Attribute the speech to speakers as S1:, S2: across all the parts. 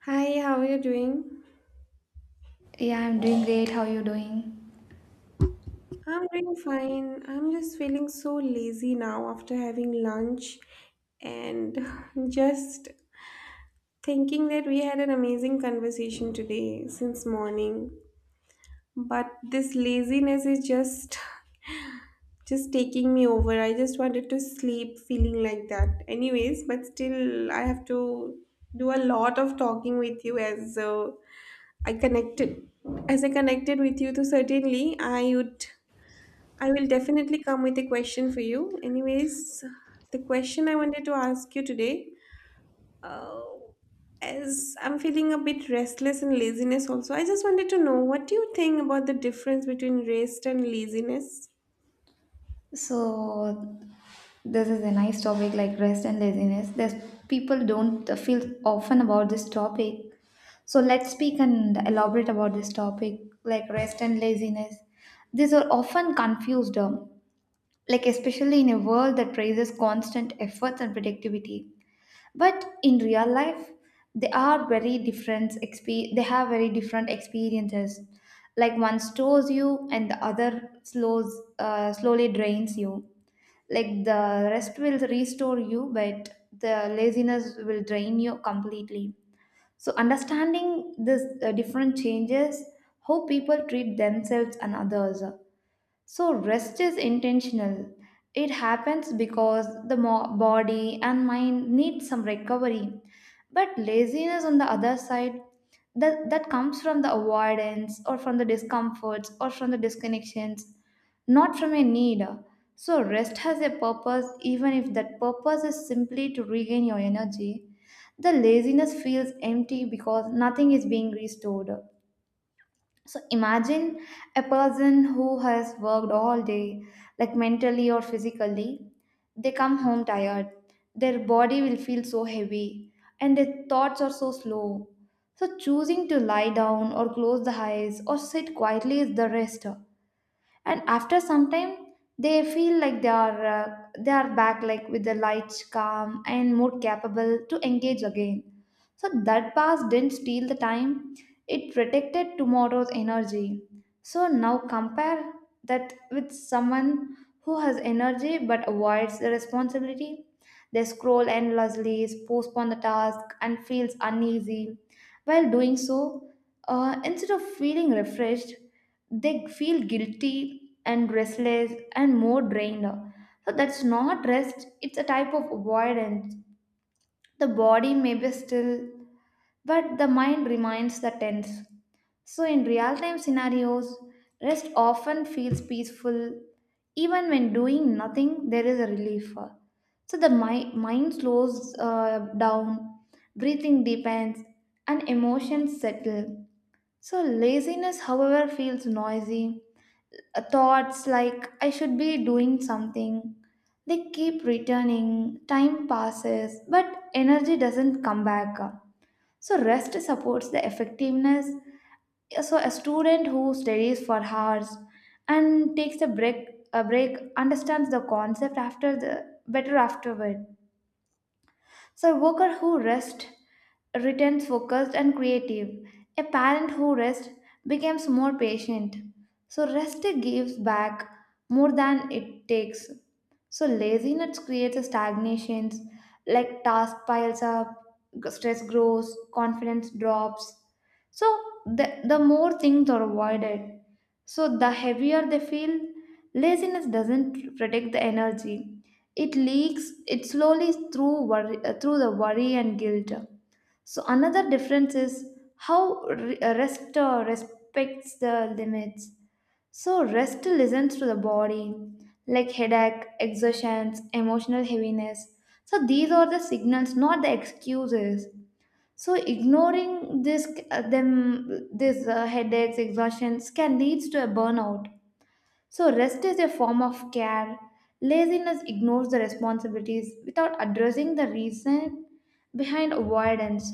S1: Hi, how are you doing?
S2: Yeah, I'm doing great. How are you doing?
S1: I'm doing fine. I'm just feeling so lazy now after having lunch and just thinking that we had an amazing conversation today since morning. But this laziness is just just taking me over. I just wanted to sleep feeling like that. Anyways, but still I have to do a lot of talking with you as I connected as I connected with you, so certainly I will definitely come with a question for you. Anyways, the question I wanted to ask you today, uh, as I'm feeling a bit restless and laziness also, I just wanted to know what do you think about the difference between rest and laziness?
S2: So, this is a nice topic like rest and laziness. There's people don't feel often about this topic. So, let's speak and elaborate about this topic like rest and laziness. These are often confused, like, especially in a world that praises constant efforts and productivity. But in real life they are very different they have very different experiences, like one stores you and the other slows slowly drains you. Like the rest will restore you, but the laziness will drain you completely. So understanding this different changes how people treat themselves and others. So, rest is intentional. It happens because the body and mind need some recovery. But laziness, on the other side, that comes from the avoidance or from the discomforts or from the disconnections, not from a need. So, rest has a purpose, even if that purpose is simply to regain your energy. The laziness feels empty because nothing is being restored. So imagine a person who has worked all day, like mentally or physically. They come home tired. Their body will feel so heavy and their thoughts are so slow. So choosing to lie down or close the eyes or sit quietly is the rest, and after some time they feel like they are back, like with the lights calm and more capable to engage again. So that past didn't steal the time, it protected tomorrow's energy. So now compare that with someone who has energy but avoids the responsibility. They scroll endlessly, postpone the task and feels uneasy while doing so. Instead of feeling refreshed, they feel guilty and restless and more drained. So that's not rest, it's a type of avoidance. The body may be still, but the mind remains the tense. So in real time scenarios, rest often feels peaceful. Even when doing nothing there is a relief. So the mind slows down, breathing deepens, and emotions settle. So laziness, however, feels noisy. Thoughts like I should be doing something. They keep returning, time passes, but energy doesn't come back. So, rest supports the effectiveness. So, a student who studies for hours and takes a break understands the concept after the better afterward. So, a worker who rests returns focused and creative. A parent who rests becomes more patient. So, rest gives back more than it takes. So, laziness creates stagnations, like task piles up, stress grows, confidence drops. So, the more things are avoided, so the heavier they feel. Laziness doesn't protect the energy. It leaks it slowly through worry, through the worry and guilt. So another difference is how rest respects the limits. So rest listens to the body, like headache, exertions, emotional heaviness. So these are the signals, not the excuses. So ignoring this them this headaches, exhaustions can leads to a burnout. So, rest is a form of care. Laziness ignores the responsibilities without addressing the reason behind avoidance.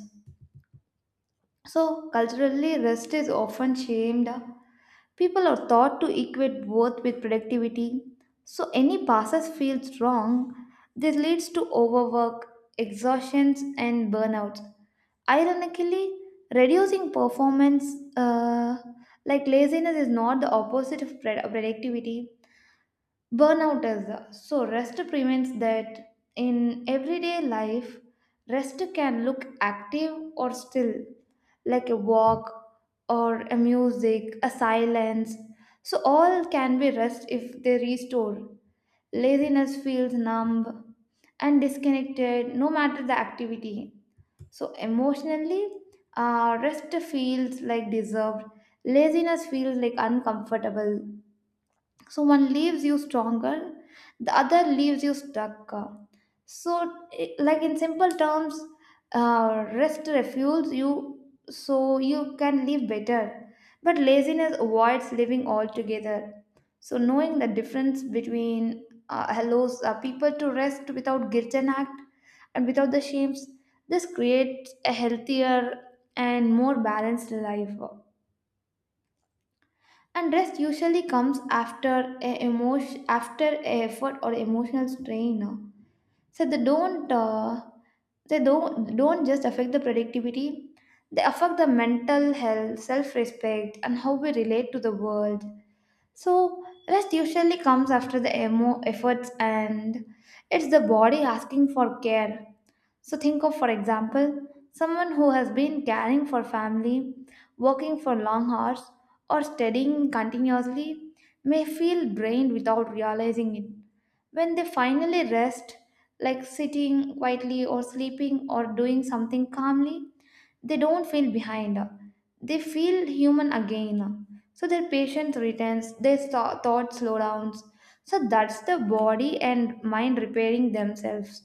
S2: So, culturally, rest is often shamed. People are taught to equate worth with productivity. So, any passes feels wrong. This leads to overwork, exhaustions, and burnouts. Ironically, reducing performance, uh, like laziness, is not the opposite of productivity. Burnout is so rest prevents that. In everyday life, rest can look active or still, like a walk or a music, a silence. So, all can be rest if they restore. Laziness feels numb and disconnected no matter the activity. So, emotionally, rest feels like deserved, laziness feels like uncomfortable. So one leaves you stronger, the other leaves you stuck. So like in simple terms, rest refuels you so you can live better, but laziness avoids living altogether. So knowing the difference between allows people to rest without guilt and act and without the shames. This creates a healthier and more balanced life. And rest usually comes after a emotion, after a effort or emotional strain. No? So they don't just affect the productivity. They affect the mental health, self-respect, and how we relate to the world. So, rest usually comes after the emo efforts, and it's the body asking for care. So, think of, for example, someone who has been caring for family, working for long hours, or studying continuously, may feel drained without realizing it. When they finally rest, like sitting quietly or sleeping or doing something calmly, they don't feel behind. They feel human again. So their patience returns, their thoughts slow down. So that's the body and mind repairing themselves.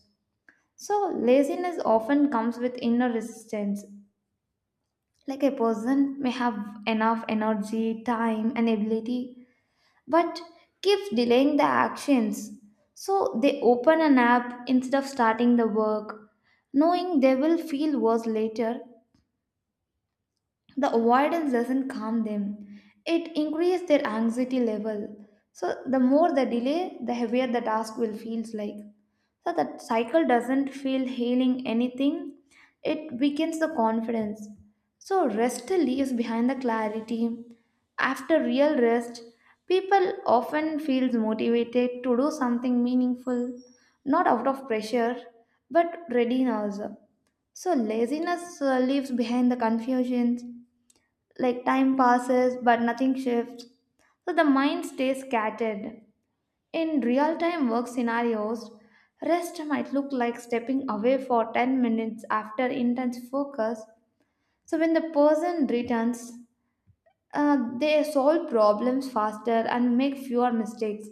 S2: So laziness often comes with inner resistance. Like a person may have enough energy, time, and ability, but keeps delaying the actions. So they open an app instead of starting the work, knowing they will feel worse later. The avoidance doesn't calm them, it increases their anxiety level. So the more the delay, the heavier the task will feels like. So the cycle doesn't feel healing anything, it weakens the confidence. So rest leaves behind the clarity. After real rest, people often feels motivated to do something meaningful, not out of pressure, but readiness. So laziness leaves behind the confusions, like time passes but nothing shifts. So the mind stays scattered. In real time work scenarios, rest might look like stepping away for 10 minutes after intense focus. So when the person returns, they solve problems faster and make fewer mistakes.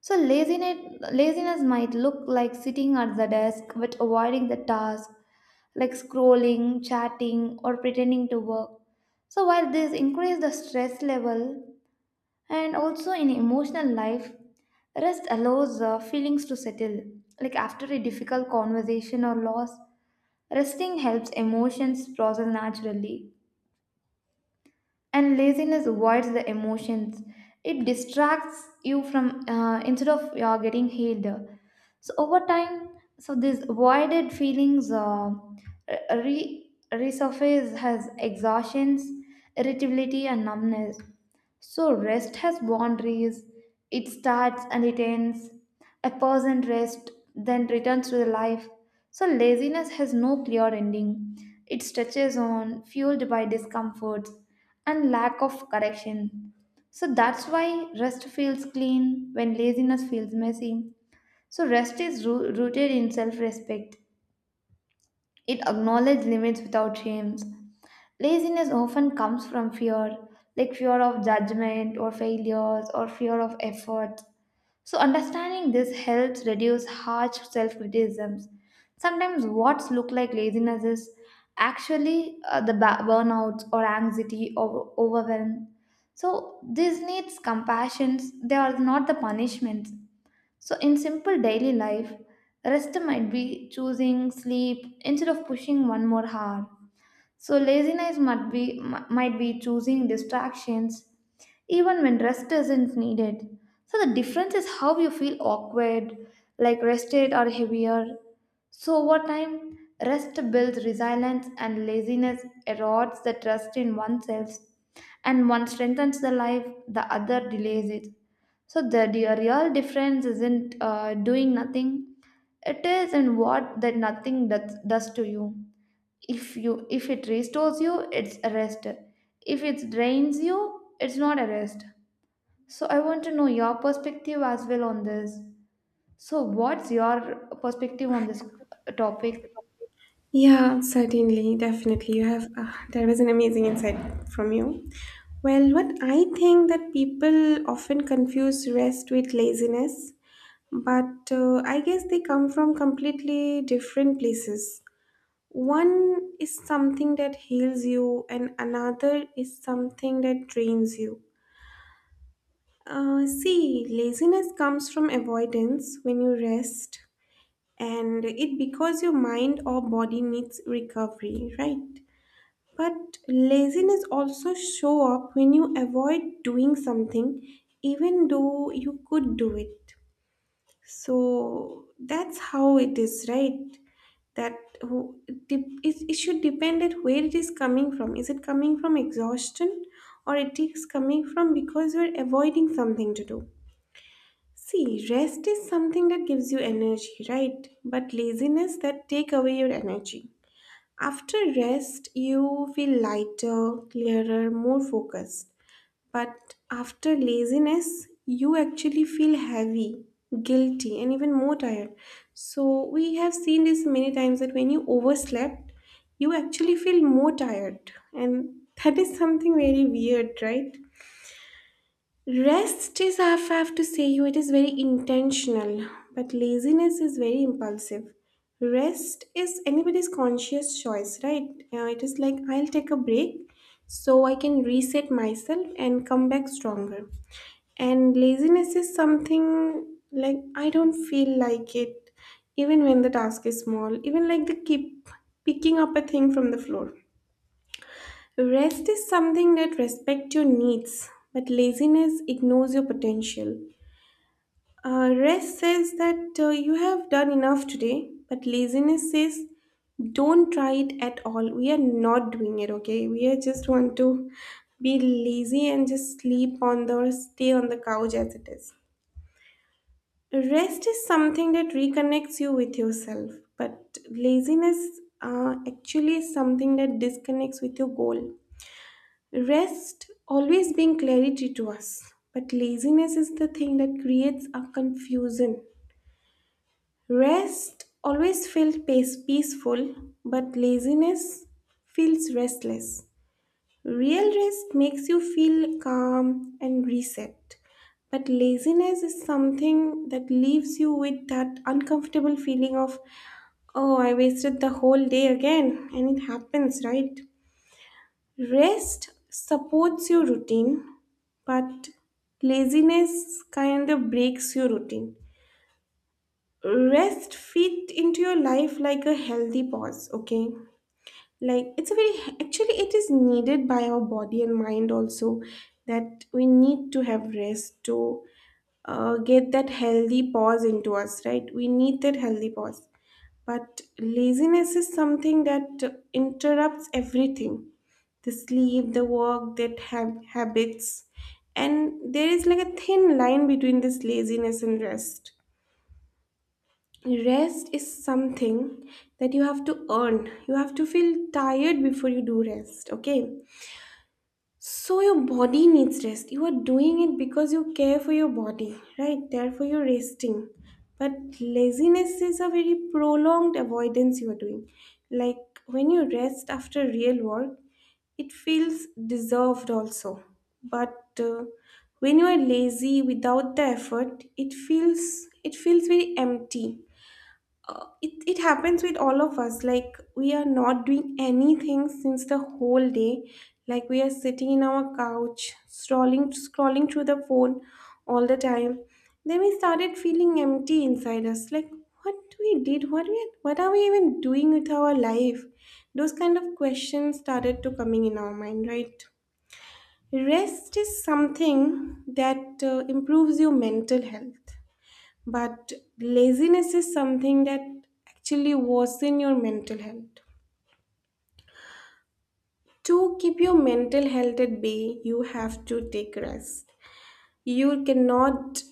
S2: So laziness might look like sitting at the desk but avoiding the task, like scrolling, chatting, or pretending to work. So while this increase the stress level. And also in emotional life, rest allows feelings to settle. Like after a difficult conversation or loss, resting helps emotions process naturally. And laziness avoids the emotions. It distracts you from instead of getting healed. So over time, so these voided feelings resurface as exhaustions, irritability and numbness. So rest has boundaries, it starts and it ends. A person rests then returns to the life. So laziness has no clear ending, it stretches on, fueled by discomforts and lack of correction. So that's why rest feels clean when laziness feels messy. So rest is rooted in self-respect. It acknowledges limits without shame. Laziness often comes from fear, like fear of judgment or failures or fear of effort. So understanding this helps reduce harsh self-criticisms. Sometimes what's look like laziness is actually burnouts or anxiety or overwhelm. So these needs compassions, they are not the punishments. So, in simple daily life, rest might be choosing sleep instead of pushing one more hour. So laziness might be choosing distractions even when rest isn't needed. So the difference is how you feel awkward, like rested or heavier. So over time, rest builds resilience and laziness erodes the trust in oneself. And one strengthens the life, the other delays it. So the real difference isn't doing nothing. It is in what that nothing does, does to you. If you, if it restores you, it's a rest. If it drains you, it's not a rest. So I want to know your perspective as well on this. So what's your perspective on this topic?
S1: Yeah, certainly, definitely. You have that was an amazing insight from you. Well, what I think that people often confuse rest with laziness, but I guess they come from completely different places. One is something that heals you, and another is something that drains you. See, laziness comes from avoidance when you rest, and it because your mind or body needs recovery, right? But laziness also show up when you avoid doing something, even though you could do it. So that's how it is, right? That who it should depend at where it is coming from. Is it coming from exhaustion or it is coming from because you're avoiding something to do? See, rest is something that gives you energy, right? But laziness that take away your energy. After rest, you feel lighter, clearer, more focused. But after laziness, you actually feel heavy, guilty, and even more tired. So, we have seen this many times that when you overslept, you actually feel more tired. And that is something very weird, right? Rest is, I have to say you, it is very intentional, but laziness is very impulsive. Rest is anybody's conscious choice, right? It is like I'll take a break so I can reset myself and come back stronger. And laziness is something like I don't feel like it, even when the task is small, even like the keep picking up a thing from the floor. Rest is something that respects your needs, but laziness ignores your potential. Rest says that you have done enough today, but laziness says don't try it at all. We are not doing it, okay? We are just want to be lazy and just sleep on the or stay on the couch as it is. Rest is something that reconnects you with yourself, but laziness actually is something that disconnects with your goal. Rest always being clarity to us, but laziness is the thing that creates a confusion. Rest always feels peaceful, but laziness feels restless. Real rest makes you feel calm and reset, but laziness is something that leaves you with that uncomfortable feeling of, oh, I wasted the whole day again, and it happens, right? Rest supports your routine, but laziness kind of breaks your routine. Rest fit into your life like a healthy pause, okay? Like it's a very actually it is needed by our body and mind also that we need to have rest to get that healthy pause into us, right? We need that healthy pause. But laziness is something that interrupts everything the sleep, the work, that habits. And there is like a thin line between this laziness and rest. Rest is something that you have to earn. You have to feel tired before you do rest, okay? So your body needs rest. You are doing it because you care for your body, right? Therefore you're resting. But laziness is a very prolonged avoidance you are doing. Like when you rest after real work, it feels deserved also. But when you are lazy without the effort, it feels very empty it happens with all of us like we are not doing anything since the whole day like we are sitting in our couch scrolling through the phone all the time. Then we started feeling empty inside us like what we did, what we what are we even doing with our life? Those kind of questions started to coming in our mind, right? Rest is something that improves your mental health, but laziness is something that actually worsen your mental health. To keep your mental health at bay, you have to take rest. You cannot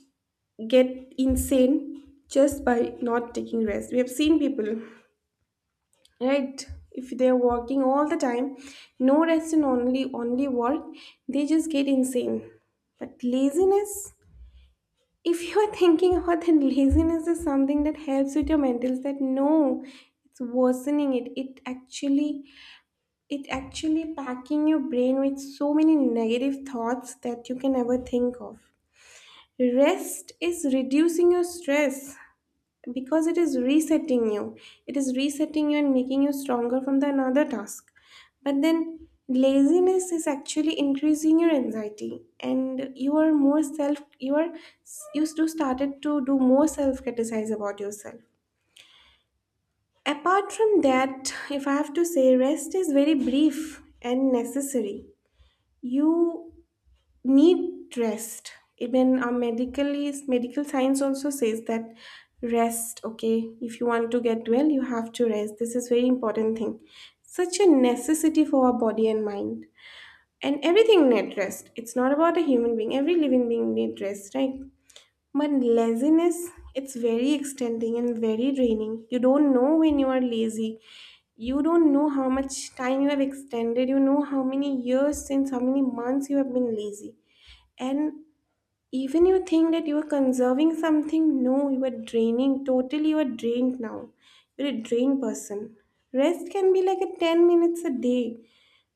S1: get insane just by not taking rest. We have seen people, right? If they're working all the time, no rest and only work, they just get insane. But laziness, if you are thinking about that laziness is something that helps with your mental state, no, it's worsening it. It actually packing your brain with so many negative thoughts that you can ever think of. Rest is reducing your stress because it is resetting you and making you stronger from the another task. But then laziness is actually increasing your anxiety and you do started to do more self criticize about yourself. Apart from that, if I have to say, rest is very brief and necessary. You need rest. Even our medical science also says that rest, okay, if you want to get well you have to rest. This is very important thing, such a necessity for our body and mind, and everything need rest. It's not about a human being, every living being need rest, right? But laziness, it's very extending and very draining. You don't know when you are lazy, you don't know how much time you have extended, you know how many years, since how many months you have been lazy. And even you think that you are conserving something, no, you are draining. Totally, you are drained now. You're a drained person. Rest can be like a 10 minutes a day,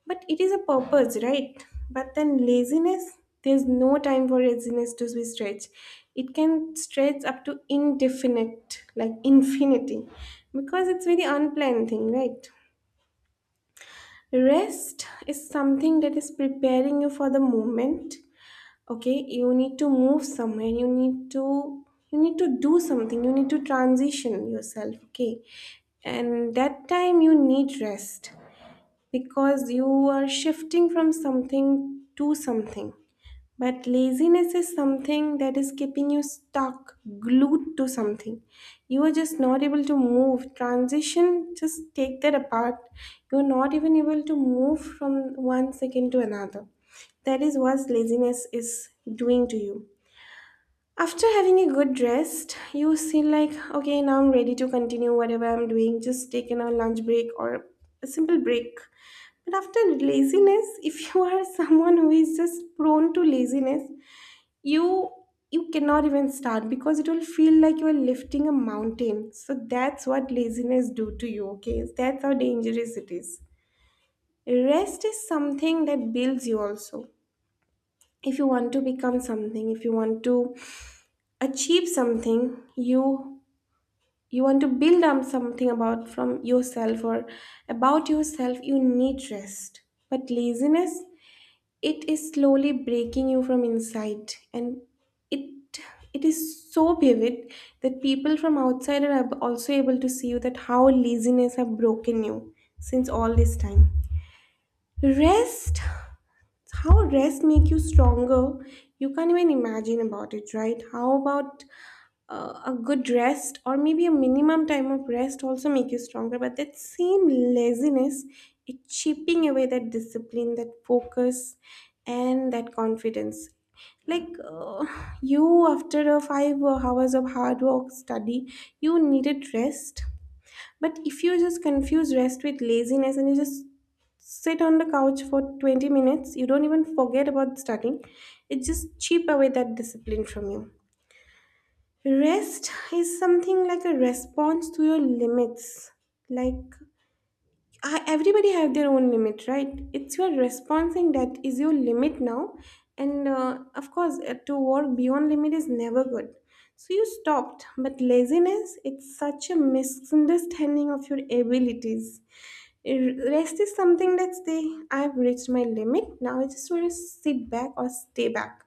S1: but it is a purpose, right? But then laziness, there's no time for laziness to be stretched. It can stretch up to indefinite, like infinity, because it's very unplanned thing, right? Rest is something that is preparing you for the moment. Okay, you need to move somewhere, you need to, you need to do something, you need to transition yourself, okay? And that time you need rest because you are shifting from something to something. But laziness is something that is keeping you stuck, glued to something. You are just not able to move. Transition, just take that apart. You are not even able to move from one second to another. That is what laziness is doing to you. After having a good rest, you feel like, okay, now I'm ready to continue whatever I'm doing. Just taking a lunch break or a simple break. But after laziness, if you are someone who is just prone to laziness, you you cannot even start because it will feel like you are lifting a mountain. So that's what laziness do to you, okay? That's how dangerous it is. Rest is something that builds you also. If you want to become something, if you want to achieve something, you want to build up something about from yourself or about yourself, you need rest. But laziness, it is slowly breaking you from inside, and it it is so vivid that people from outside are also able to see you that how laziness have broken you since all this time. Rest, how rest make you stronger, you can't even imagine about it, right? How about a good rest, or maybe a minimum time of rest also make you stronger. But that same laziness is chipping away that discipline, that focus, and that confidence. Like you after a 5 hours of hard work study, you needed rest. But if you just confuse rest with laziness and you just sit on the couch for 20 minutes, you don't even forget about studying, it just cheap away that discipline from you. Rest is something like a response to your limits. Like everybody have their own limit, right? It's your responsing that is your limit now, and of course, to work beyond limit is never good. So you stopped, but laziness it's such a misunderstanding of your abilities. Rest is something that's the I've reached my limit. Now I just want to sit back or stay back.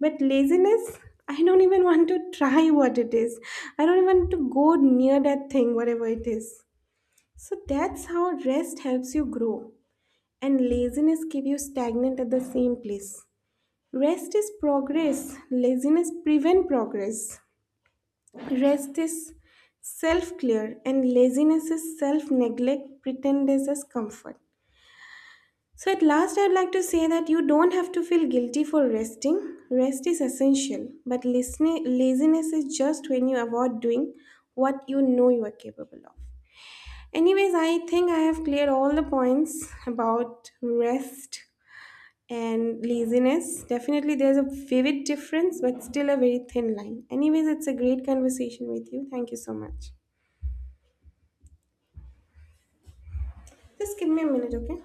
S1: But laziness, I don't even want to try what it is. I don't even want to go near that thing, whatever it is. So that's how rest helps you grow, and laziness keep you stagnant at the same place. Rest is progress. Laziness prevent progress. Rest is self clear, and laziness is self neglect pretended as comfort. So, at last, I'd like to say that you don't have to feel guilty for resting. Rest is essential, but listening, laziness is just when you avoid doing what you know you are capable of. Anyways, I think I have cleared all the points about rest and laziness. Definitely, there's a vivid difference, but still a very thin line. Anyways, it's a great conversation with you. Thank you so much. Just give me a minute, okay?